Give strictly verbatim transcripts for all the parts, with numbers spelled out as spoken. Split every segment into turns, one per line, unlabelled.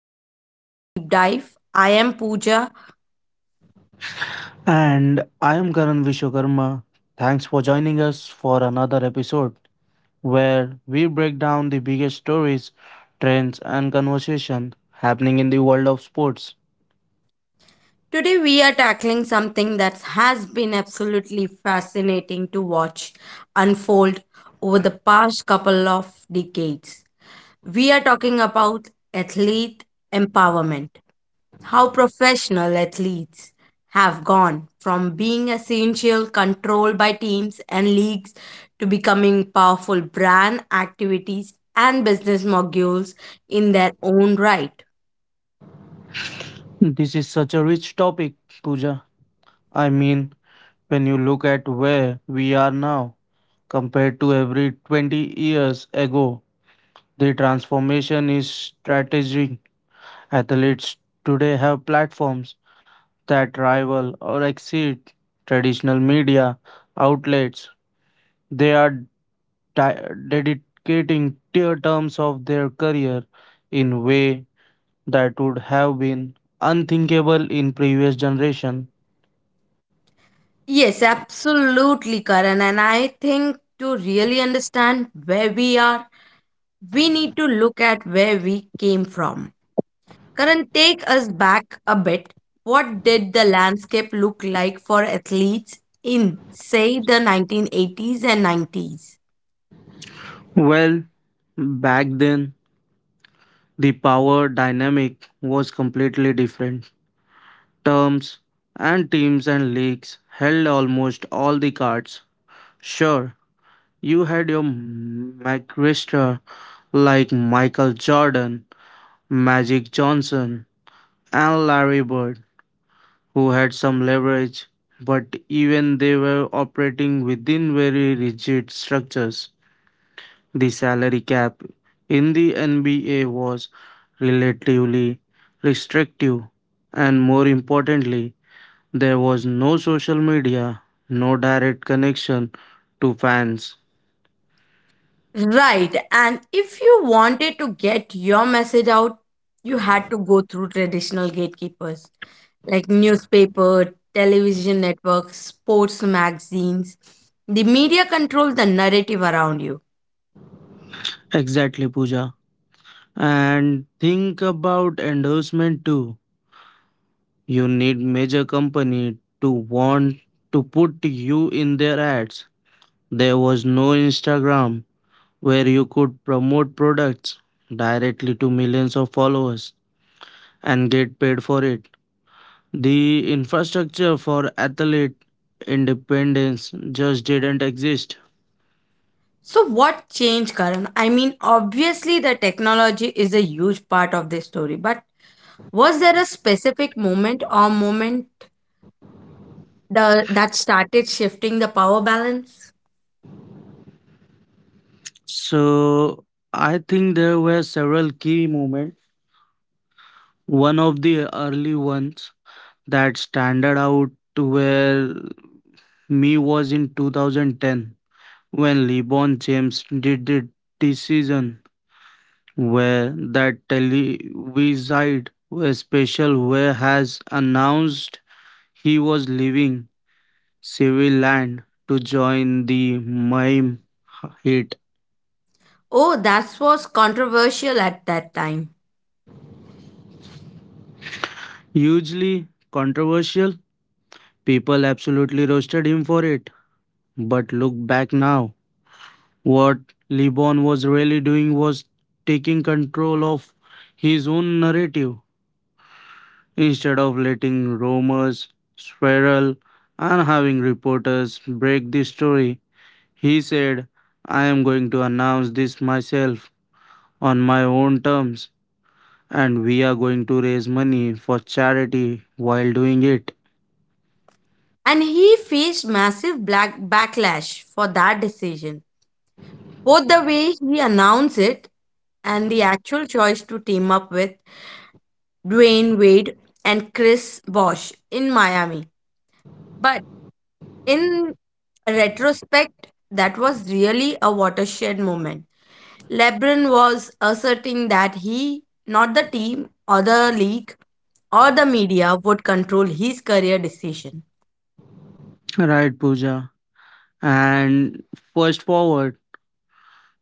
the Sports Deep Dive. I am Pooja.
And I am Karan Vishwakarma. Thanks for joining us for another episode where we break down the biggest stories, trends, and conversation happening in the world of sports.
Today we are tackling something that has been absolutely fascinating to watch unfold over the past couple of decades. We are talking about athlete empowerment. How professional athletes have gone from being essential controlled by teams and leagues to becoming powerful brand activities and business modules in their own right.
This is such a rich topic, Pooja. I mean, when you look at where we are now compared to every twenty years ago, the transformation is strategic. Athletes today have platforms that rival or exceed traditional media outlets. They are di- dedicating tier terms of their career in way that would have been unthinkable in previous generation.
Yes, absolutely, Karan. And I think to really understand where we are, we need to look at where we came from. Karan, take us back a bit. What did the landscape look like for athletes in, say, the nineteen eighties and nineties?
Well, back then the power dynamic was completely different. Terms and teams and leagues held almost all the cards. Sure, you had your McWrister like Michael Jordan, Magic Johnson, and Larry Bird, who had some leverage, but even they were operating within very rigid structures. The salary cap in the N B A was relatively restrictive, and more importantly, there was no social media, no direct connection to fans.
Right, and if you wanted to get your message out, you had to go through traditional gatekeepers like newspaper, television networks, sports magazines. The media controlled the narrative around you.
Exactly, Pooja. And think about endorsement too. You need major company to want to put you in their ads. There was no Instagram where you could promote products directly to millions of followers and get paid for it. The infrastructure for athlete independence just didn't exist.
So, what changed, Karan? I mean, obviously, the technology is a huge part of this story, but was there a specific moment or moment the, that started shifting the power balance?
So I think there were several key moments. One of the early ones that standard out where me was in two thousand ten when LeBron James did the decision where that televised special where has announced he was leaving civil land to join the Miami Heat.
Oh, that was controversial at that time.
Hugely controversial, people absolutely roasted him for it. But look back now, what Libon was really doing was taking control of his own narrative instead of letting rumors spiral and having reporters break the story. He said, I am going to announce this myself on my own terms, and we are going to raise money for charity while doing it.
And he faced massive black backlash for that decision. Both the way he announced it and the actual choice to team up with Dwayne Wade and Chris Bosh in Miami. But in retrospect, that was really a watershed moment. LeBron was asserting that he, not the team or the league or the media, would control his career decision.
Right, Pooja. And fast forward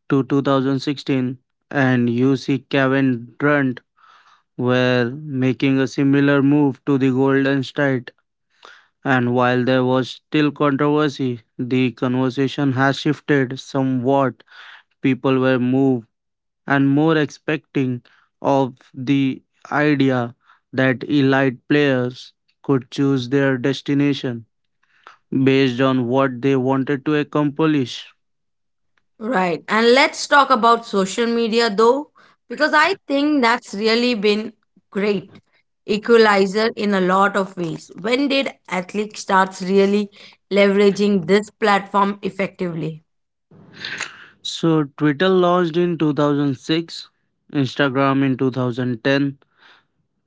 to two thousand sixteen, and you see Kevin Durant. Were making a similar move to the Golden State. And while there was still controversy, the conversation has shifted somewhat. People were moved and more expecting of the idea that elite players could choose their destination based on what they wanted to accomplish.
Right. And let's talk about social media though, because I think that's really been great equalizer in a lot of ways. When did athletes starts really leveraging this platform effectively?
So, Twitter launched in two thousand six, Instagram in two thousand ten,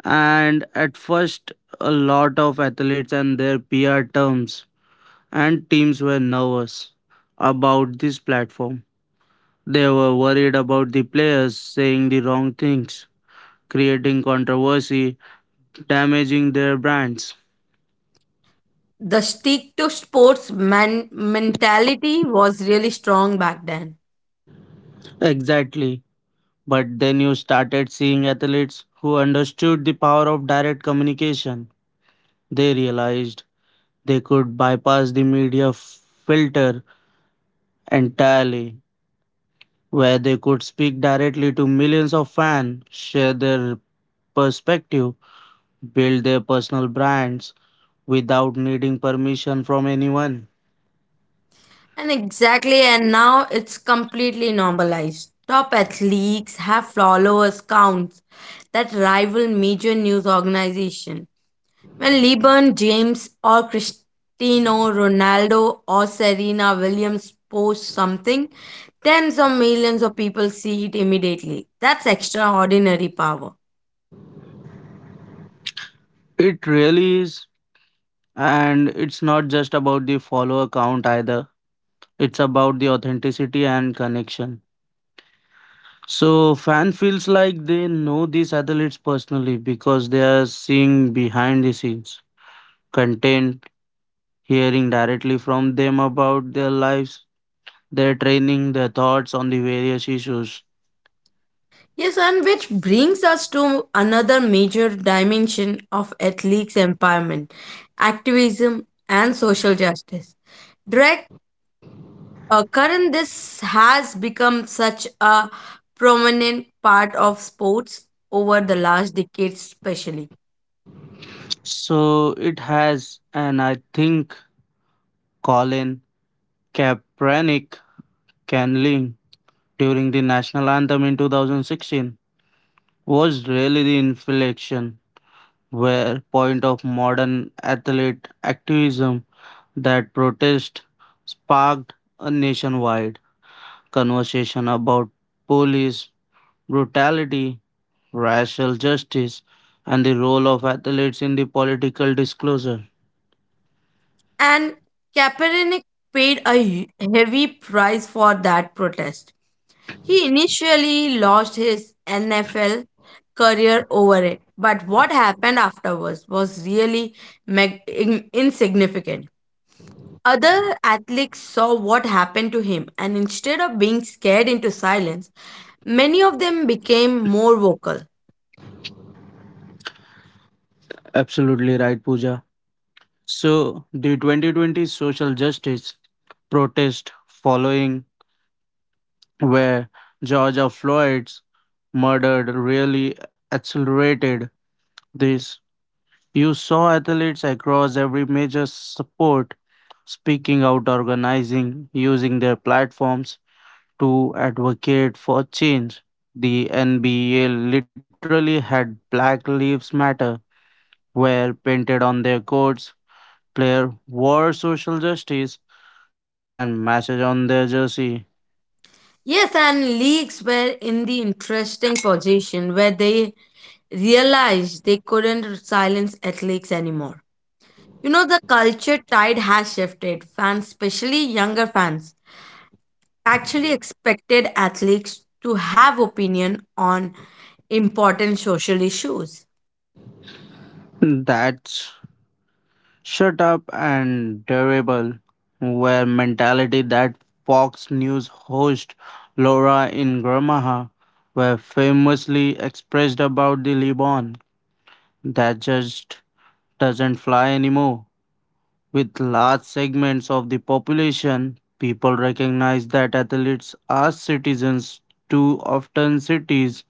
and at first a lot of athletes and their P R terms and teams were nervous about this platform. They were worried about the players saying the wrong things, creating controversy, damaging their brands.
The stick to sports man- mentality was really strong back then.
Exactly. But then you started seeing athletes who understood the power of direct communication. They realized they could bypass the media filter entirely where they could speak directly to millions of fans, share their perspective, build their personal brands without needing permission from anyone.
And exactly, and now it's completely normalized. Top athletes have followers counts that rival major news organizations. When LeBron James or Cristiano Ronaldo or Serena Williams post something, tens of millions of people see it immediately. That's extraordinary power.
It really is, and it's not just about the follower count either, it's about the authenticity and connection. So, fan feels like they know these athletes personally because they are seeing behind the scenes content, hearing directly from them about their lives their training, their thoughts on the various issues.
Yes, and which brings us to another major dimension of athletes' empowerment, activism, and social justice. Direct uh, current, this has become such a prominent part of sports over the last decades, especially.
So it has, and I think Colin Kaepernick canling during the national anthem in two thousand sixteen was really the inflection where point of modern athlete activism that protest sparked a nationwide conversation about police brutality, racial justice, and the role of athletes in the political disclosure.
And Kaepernick paid a hu- heavy price for that protest. He initially lost his N F L career over it, but what happened afterwards was really mag- in- insignificant. Other athletes saw what happened to him, and instead of being scared into silence, many of them became more vocal.
Absolutely right, Pooja. So, the twenty twenty social justice protest following where Georgia Floyd's murder really accelerated this. You saw athletes across every major sport speaking out, organizing, using their platforms to advocate for change. The N B A literally had Black Lives Matter were painted on their courts player wore social justice and message on their jersey.
Yes, and leagues were in the interesting position where they realized they couldn't silence athletes anymore. You know, the culture tide has shifted. Fans, especially younger fans, actually expected athletes to have opinion on important social issues.
That's shut up and durable were mentality that Fox News host Laura Ingramaha were famously expressed about the Liban that just doesn't fly anymore. With large segments of the population, people recognize that athletes are citizens too often cities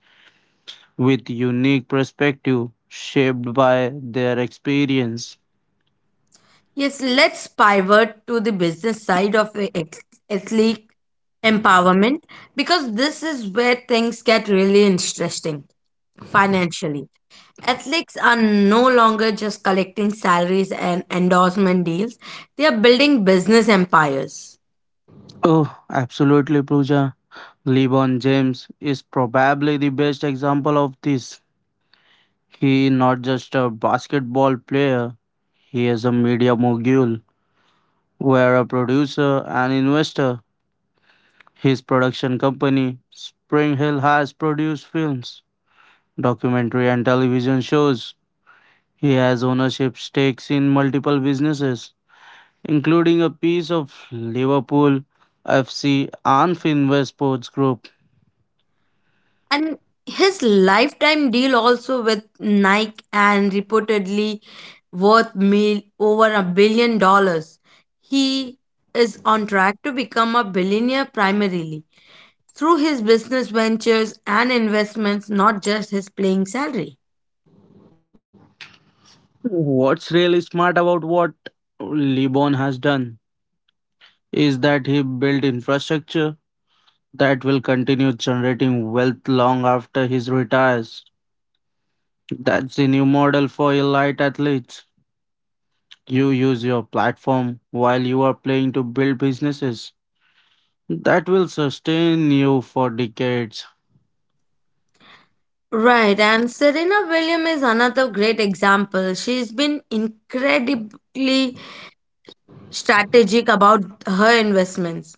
with unique perspective shaped by their experience.
Yes, let's pivot to the business side of the ex- athlete empowerment because this is where things get really interesting financially. Athletes are no longer just collecting salaries and endorsement deals, they are building business empires.
Oh, absolutely, Pooja. LeBron James is probably the best example of this. He not just a basketball player, he is a media mogul, where a producer and investor. His production company, Spring Hill, has produced films, documentary and television shows. He has ownership stakes in multiple businesses including a piece of Liverpool F C and Finwest Sports Group.
And his lifetime deal also with Nike and reportedly worth mil- over a billion dollars. He is on track to become a billionaire primarily through his business ventures and investments, not just his playing salary.
What's really smart about what LeBron has done is that he built infrastructure that will continue generating wealth long after he retires. That's the new model for elite athletes. You use your platform while you are playing to build businesses that will sustain you for decades.
Right, and Serena Williams is another great example. She's been incredibly strategic about her investments,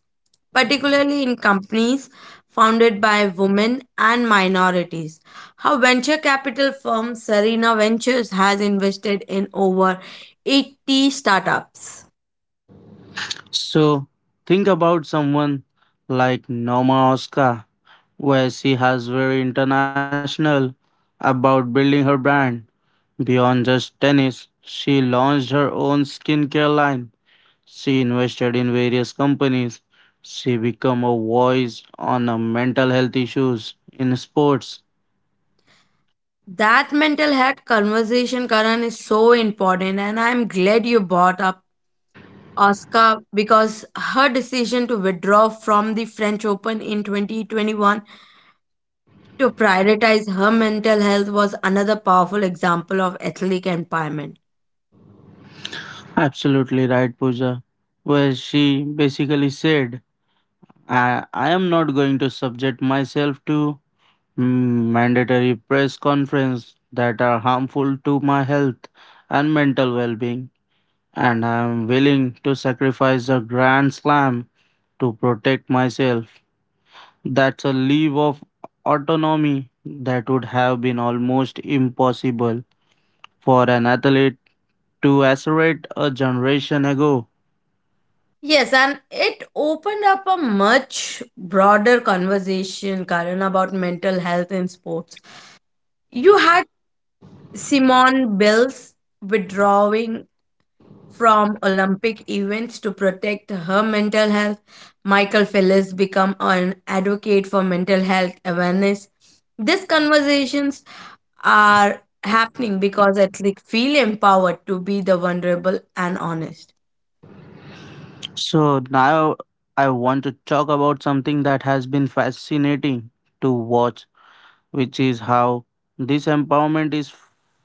particularly in companies founded by women and minorities. Her venture capital firm Serena Ventures has invested in over eighty startups.
So think about someone like Norma Oscar, where she has very international about building her brand beyond just tennis. She launched her own skincare line. She invested in various companies. She became a voice on a mental health issues in sports.
That mental health conversation, Karan, is so important, and I'm glad you brought up Oscar because her decision to withdraw from the French Open in twenty twenty-one to prioritize her mental health was another powerful example of ethnic empowerment.
Absolutely right, Pooja. Where she basically said, I, I am not going to subject myself to Mm, mandatory press conference that are harmful to my health and mental well-being and I am willing to sacrifice a grand slam to protect myself. That's a leave of autonomy that would have been almost impossible for an athlete to asserate a generation ago.
Yes, and it opened up a much broader conversation, Karan, about mental health in sports. You had Simone Bills withdrawing from Olympic events to protect her mental health. Michael Phelps became an advocate for mental health awareness. These conversations are happening because athletes feel empowered to be the vulnerable and honest.
So now I want to talk about something that has been fascinating to watch, which is how this empowerment is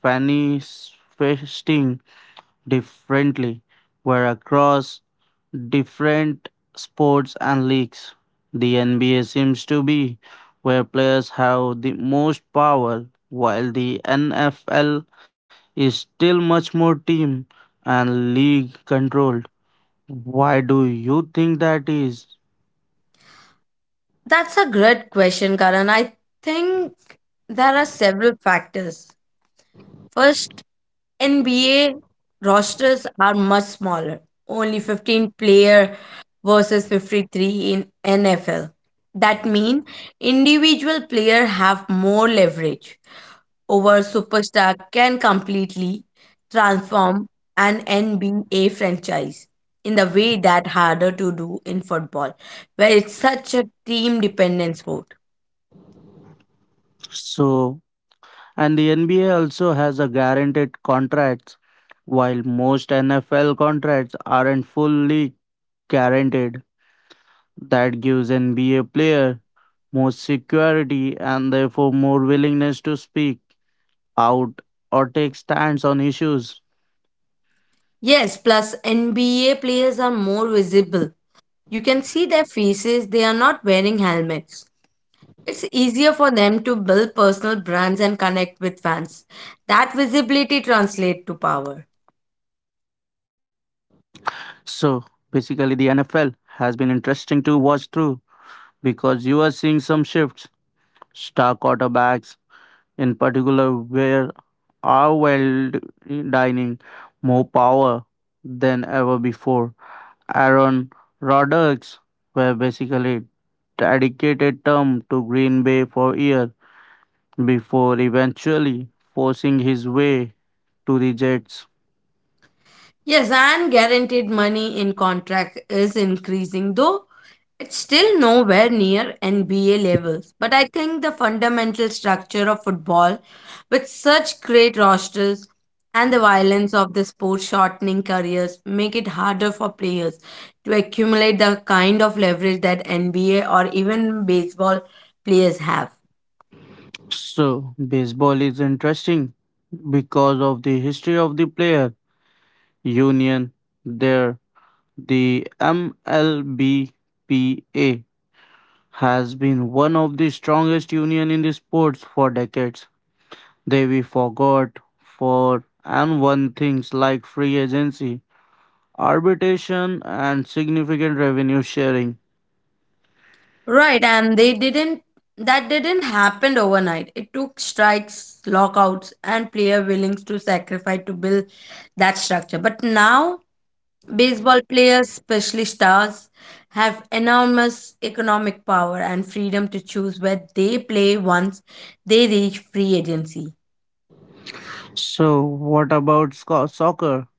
manifesting differently, where across different sports and leagues. The N B A seems to be where players have the most power, while the N F L is still much more team and league controlled. Why do you think that is?
That's a great question, Karan. I think there are several factors. First, N B A rosters are much smaller, only fifteen player versus fifty-three in N F L. That means individual player have more leverage over superstar can completely transform an N B A franchise in the way that harder to do in football, where it's such a team dependent sport.
So, and the N B A also has a guaranteed contracts, while most N F L contracts aren't fully guaranteed. That gives N B A player more security and therefore more willingness to speak out or take stands on issues.
Yes, plus N B A players are more visible. You can see their faces, they are not wearing helmets. It's easier for them to build personal brands and connect with fans. That visibility translates to power.
So basically the N F L has been interesting to watch through because you are seeing some shifts. Star quarterbacks in particular were are wielding more power than ever before. Aaron Rodgers were basically dedicated term to Green Bay for years before eventually forcing his way to the Jets.
Yes, and guaranteed money in contract is increasing, though it's still nowhere near N B A levels. But I think the fundamental structure of football, with such great rosters and the violence of the sport shortening careers, make it harder for players to accumulate the kind of leverage that N B A or even baseball players have.
So baseball is interesting because of the history of the player union there the M L B P A has been one of the strongest union in the sports for decades. They we forgot for and won things like free agency, arbitration and significant revenue sharing.
Right, and they didn't that didn't happen overnight. It took strikes, lockouts, and player willing to sacrifice to build that structure. But now baseball players, especially stars, have enormous economic power and freedom to choose where they play once they reach free agency.
So what about sco- soccer?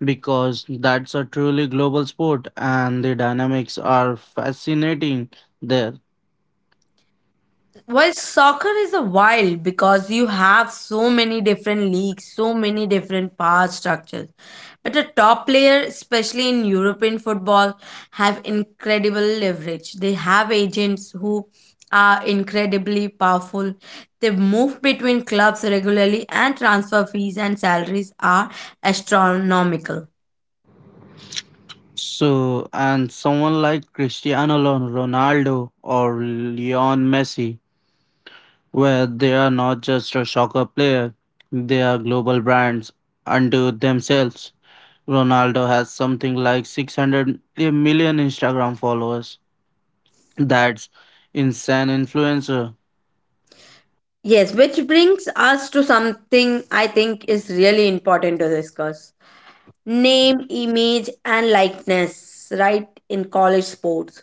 Because that's a truly global sport and the dynamics are fascinating there.
Well, soccer is a wild because you have so many different leagues, so many different power structures. But the top player, especially in European football, have incredible leverage. They have agents who are incredibly powerful. They move between clubs regularly, and transfer fees and salaries are astronomical.
So and someone like Cristiano Ron- Ronaldo or Leon Messi where they are not just a soccer player, they are global brands unto themselves. Ronaldo has something like six hundred million Instagram followers. That's insane influencer.
Yes, which brings us to something I think is really important to discuss. Name, image, and likeness, right, in college sports.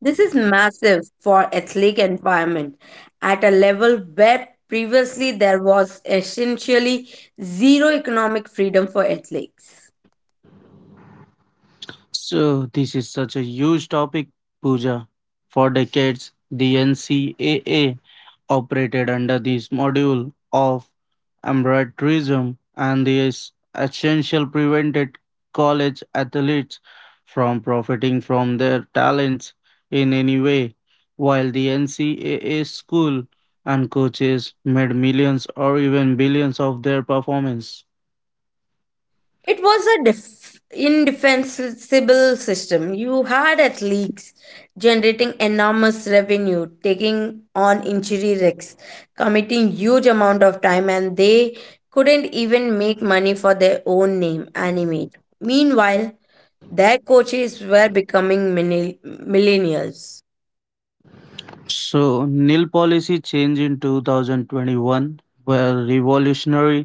This is massive for athletic environment at a level where previously there was essentially zero economic freedom for athletes.
So, this is such a huge topic, Pooja. For decades, the N C A A operated under this module of embryotourism and this essential prevented college athletes from profiting from their talents in any way while the ncaa school and coaches made millions or even billions of their performance
It was a def- indefensible system. You had athletes generating enormous revenue, taking on injury risks, committing huge amount of time, and they couldn't even make money for their own name and image. Meanwhile, their coaches were becoming mini- millionaires.
so nil policy change in two thousand twenty-one were revolutionary.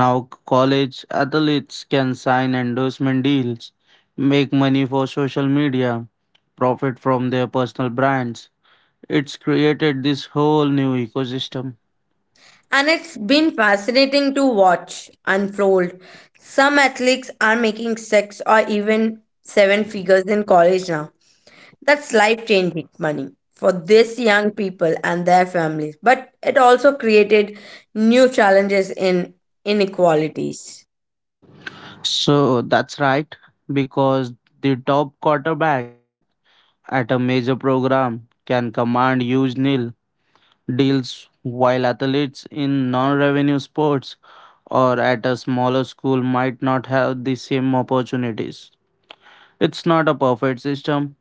Now college athletes can sign endorsement deals, make money for social media, profit from their personal brands. It's created this whole new ecosystem.
And it's been fascinating to watch unfold. Some athletes are making six or even seven figures in college now. That's life changing money for these young people and their families, but it also created new challenges in inequalities.
So that's right, because the top quarterback at a major program can command huge nil deals while athletes in non-revenue sports or at a smaller school might not have the same opportunities. It's not a perfect system,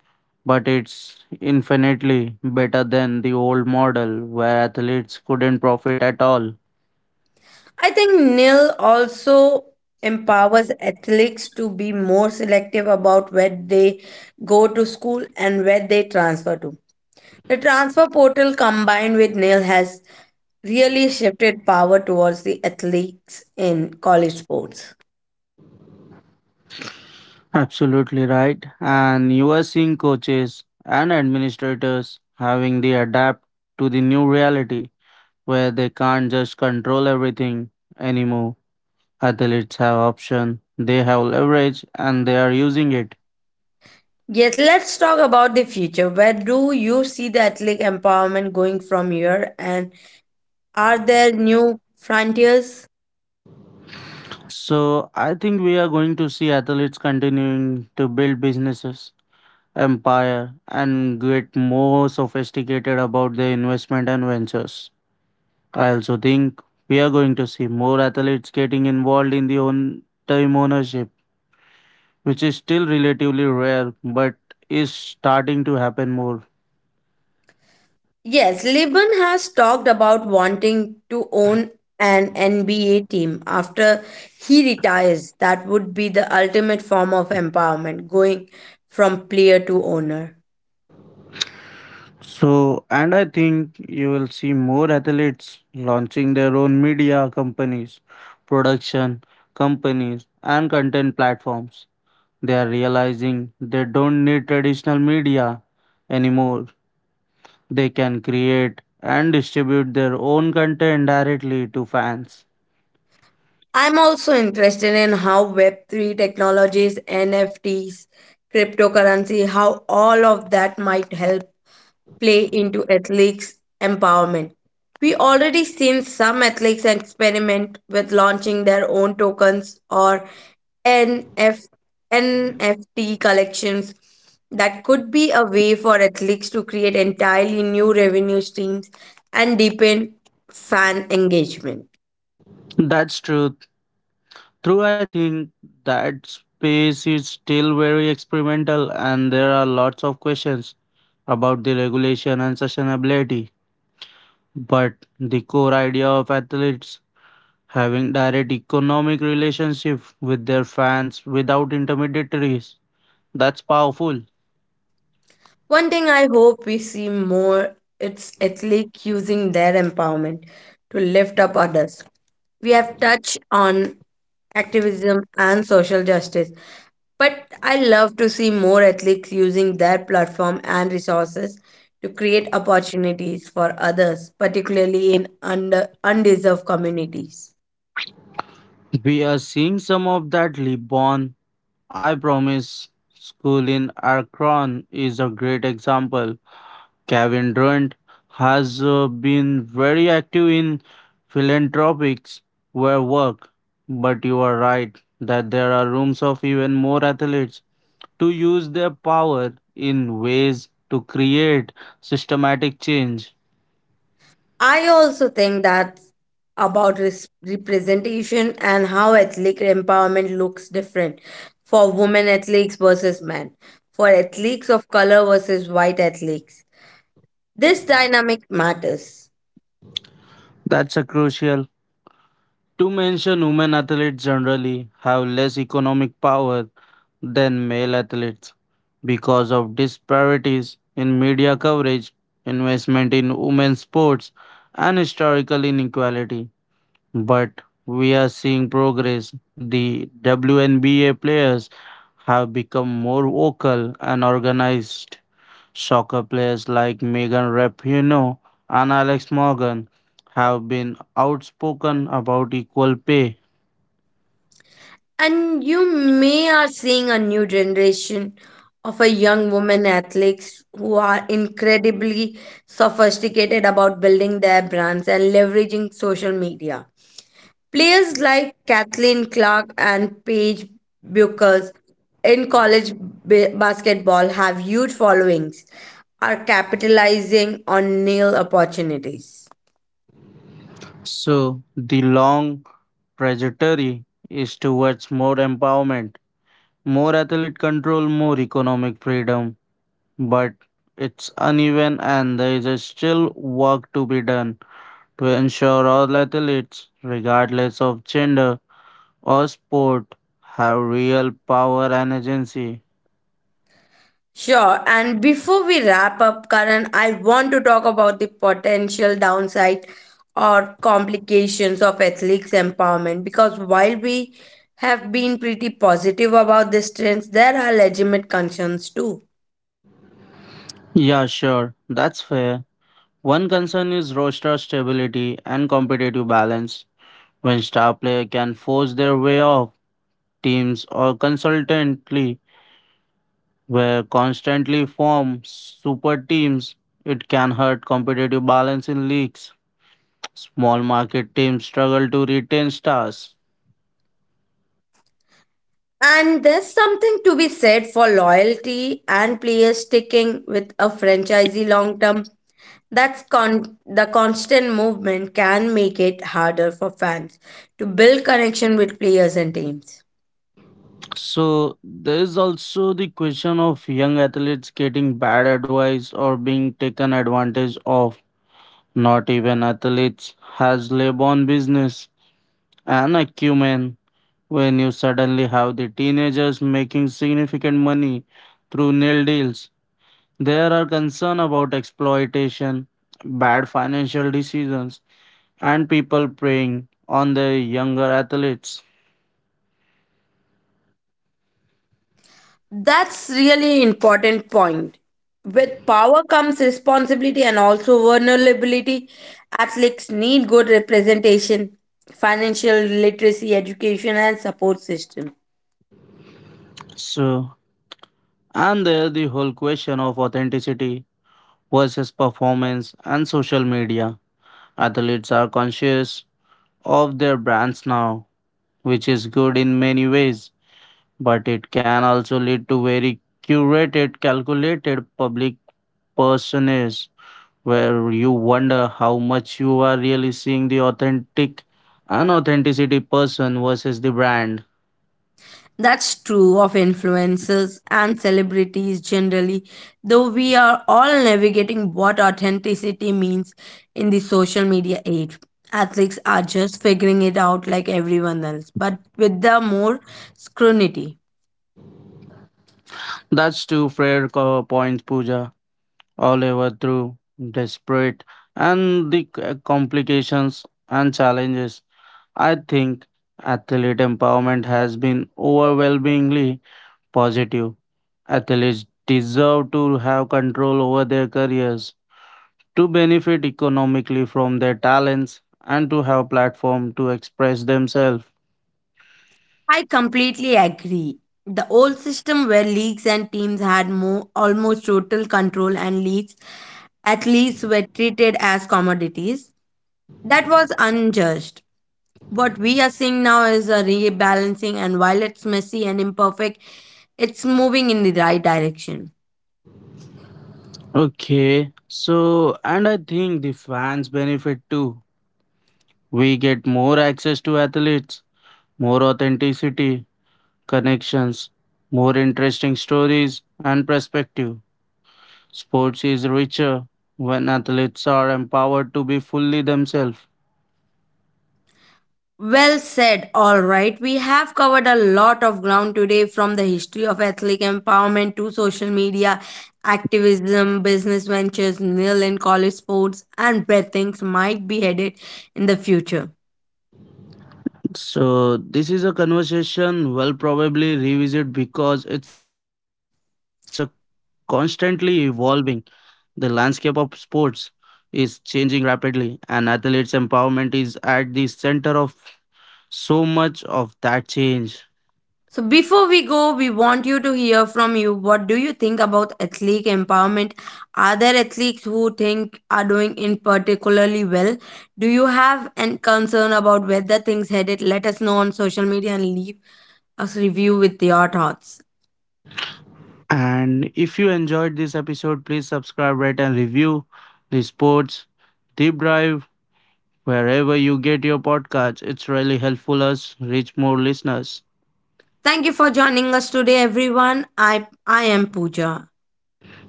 but it's infinitely better than the old model where athletes couldn't profit at all.
I think N I L also empowers athletes to be more selective about where they go to school and where they transfer to. The transfer portal combined with N I L has really shifted power towards the athletes in college sports.
Absolutely right. And you are seeing coaches and administrators having to adapt to the new reality where they can't just control everything anymore. Athletes have option, they have leverage and they are using it.
Yes, let's talk about the future. Where do you see the athletic empowerment going from here, and are there new frontiers?
So I think we are going to see athletes continuing to build businesses empire and get more sophisticated about their investment and ventures. I also think we are going to see more athletes getting involved in the own time ownership, which is still relatively rare but is starting to happen more.
Yes, Liban has talked about wanting to own an N B A team after he retires. That would be the ultimate form of empowerment, going from player to owner.
So, and I think you will see more athletes launching their own media companies, production companies, and content platforms. They are realizing they don't need traditional media anymore. They can create and distribute their own content directly to fans.
I'm also interested in how web three technologies, N F Ts, cryptocurrency, how all of that might help play into athletes' empowerment. We already seen some athletes experiment with launching their own tokens or NF, N F T collections. That could be a way for athletes to create entirely new revenue streams and deepen fan engagement.
That's true. True, I think that space is still very experimental, and there are lots of questions about the regulation and sustainability. But the core idea of athletes having direct economic relationship with their fans without intermediaries, that's powerful.
One thing I hope we see more it's athletes using their empowerment to lift up others. We have touched on activism and social justice, but I love to see more athletes using their platform and resources to create opportunities for others, particularly in under undeserved communities.
We are seeing some of that. LeBron I promise school in Akron is a great example. Kevin Durant has uh, been very active in philanthropics where work, but you are right that there are rooms of even more athletes to use their power in ways to create systematic change.
I also think that's about res- representation and how athletic empowerment looks different for women athletes versus men, for athletes of color versus white athletes. This dynamic matters.
That's a crucial to mention, women athletes generally have less economic power than male athletes because of disparities in media coverage, investment in women's sports, and historical inequality. But we are seeing progress. The W N B A players have become more vocal and organized. Soccer players like Megan Rapinoe and Alex Morgan have been outspoken about equal pay.
And you may are seeing a new generation of a young women athletes who are incredibly sophisticated about building their brands and leveraging social media. Players like Kathleen Clark and Paige Buchers in college ba- basketball have huge followings, are capitalizing on nil opportunities.
So the long trajectory is towards more empowerment, more athlete control, more economic freedom. But it's uneven and there is a still work to be done to ensure all athletes, regardless of gender or sport, have real power and agency.
Sure, and before we wrap up, Karan, I want to talk about the potential downside or complications of athletes empowerment because while we have been pretty positive about these trends, there are legitimate concerns too.
Yeah, sure, that's fair. One concern is roster stability and competitive balance. When star player can force their way off teams or consultantly were constantly form super teams, it can hurt competitive balance in leagues, small market teams struggle to retain stars.
And there's something to be said for loyalty and players sticking with a franchisee long term. That's con- the constant movement can make it harder for fans to build connection with players and teams.
So there is also the question of young athletes getting bad advice or being taken advantage of, not even athletes has labor business and acumen. When you suddenly have the teenagers making significant money through nil deals, there are concerns about exploitation, bad financial decisions, and people preying on the younger athletes.
That's really important point. With power comes responsibility and also vulnerability. Athletes need good representation, financial literacy, education, and support system.
So, and there the whole question of authenticity versus performance and social media. Athletes are conscious of their brands now, which is good in many ways, but it can also lead to very curated, calculated public personas where you wonder how much you are really seeing the authentic and authenticity person versus the brand.
That's true of influencers and celebrities generally, though we are all navigating what authenticity means in the social media age. Athletes are just figuring it out like everyone else, but with the more scrutiny.
That's two fair co- points, Pooja. All over through desperate and the c- complications and challenges. I think athlete empowerment has been overwhelmingly positive. Athletes deserve to have control over their careers to benefit economically from their talents and to have platform to express themselves.
I completely agree. The old system where leagues and teams had more almost total control and leads athletes were treated as commodities. That was unjust. What we are seeing now is a rebalancing, and while it's messy and imperfect, it's moving in the right direction.
Okay, so and I think the fans benefit too. We get more access to athletes, more authenticity connections, more interesting stories and perspective. Sports is richer when athletes are empowered to be fully themselves.
Well said. All right. We have covered a lot of ground today from the history of athletic empowerment to social media, activism, business ventures, nil and college sports, and where things might be headed in the future.
So this is a conversation we'll probably revisit because it's a constantly evolving. The landscape of sports is changing rapidly, and athletes' empowerment is at the center of so much of that change.
So before we go, we want you to hear from you. What do you think about athlete empowerment? Are there athletes who think are doing in particularly well? Do you have any concern about whether things headed? Let us know on social media and leave us review with your thoughts.
And if you enjoyed this episode, please subscribe, rate, and review the sports deep dive wherever you get your podcast. It's really helpful us reach more listeners.
Thank you for joining us today, everyone. I I am Pooja.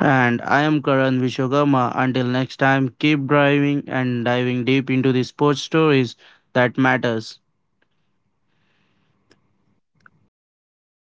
And I am Karan Vishwakarma. Until next time, keep driving and diving deep into the sports stories that matters.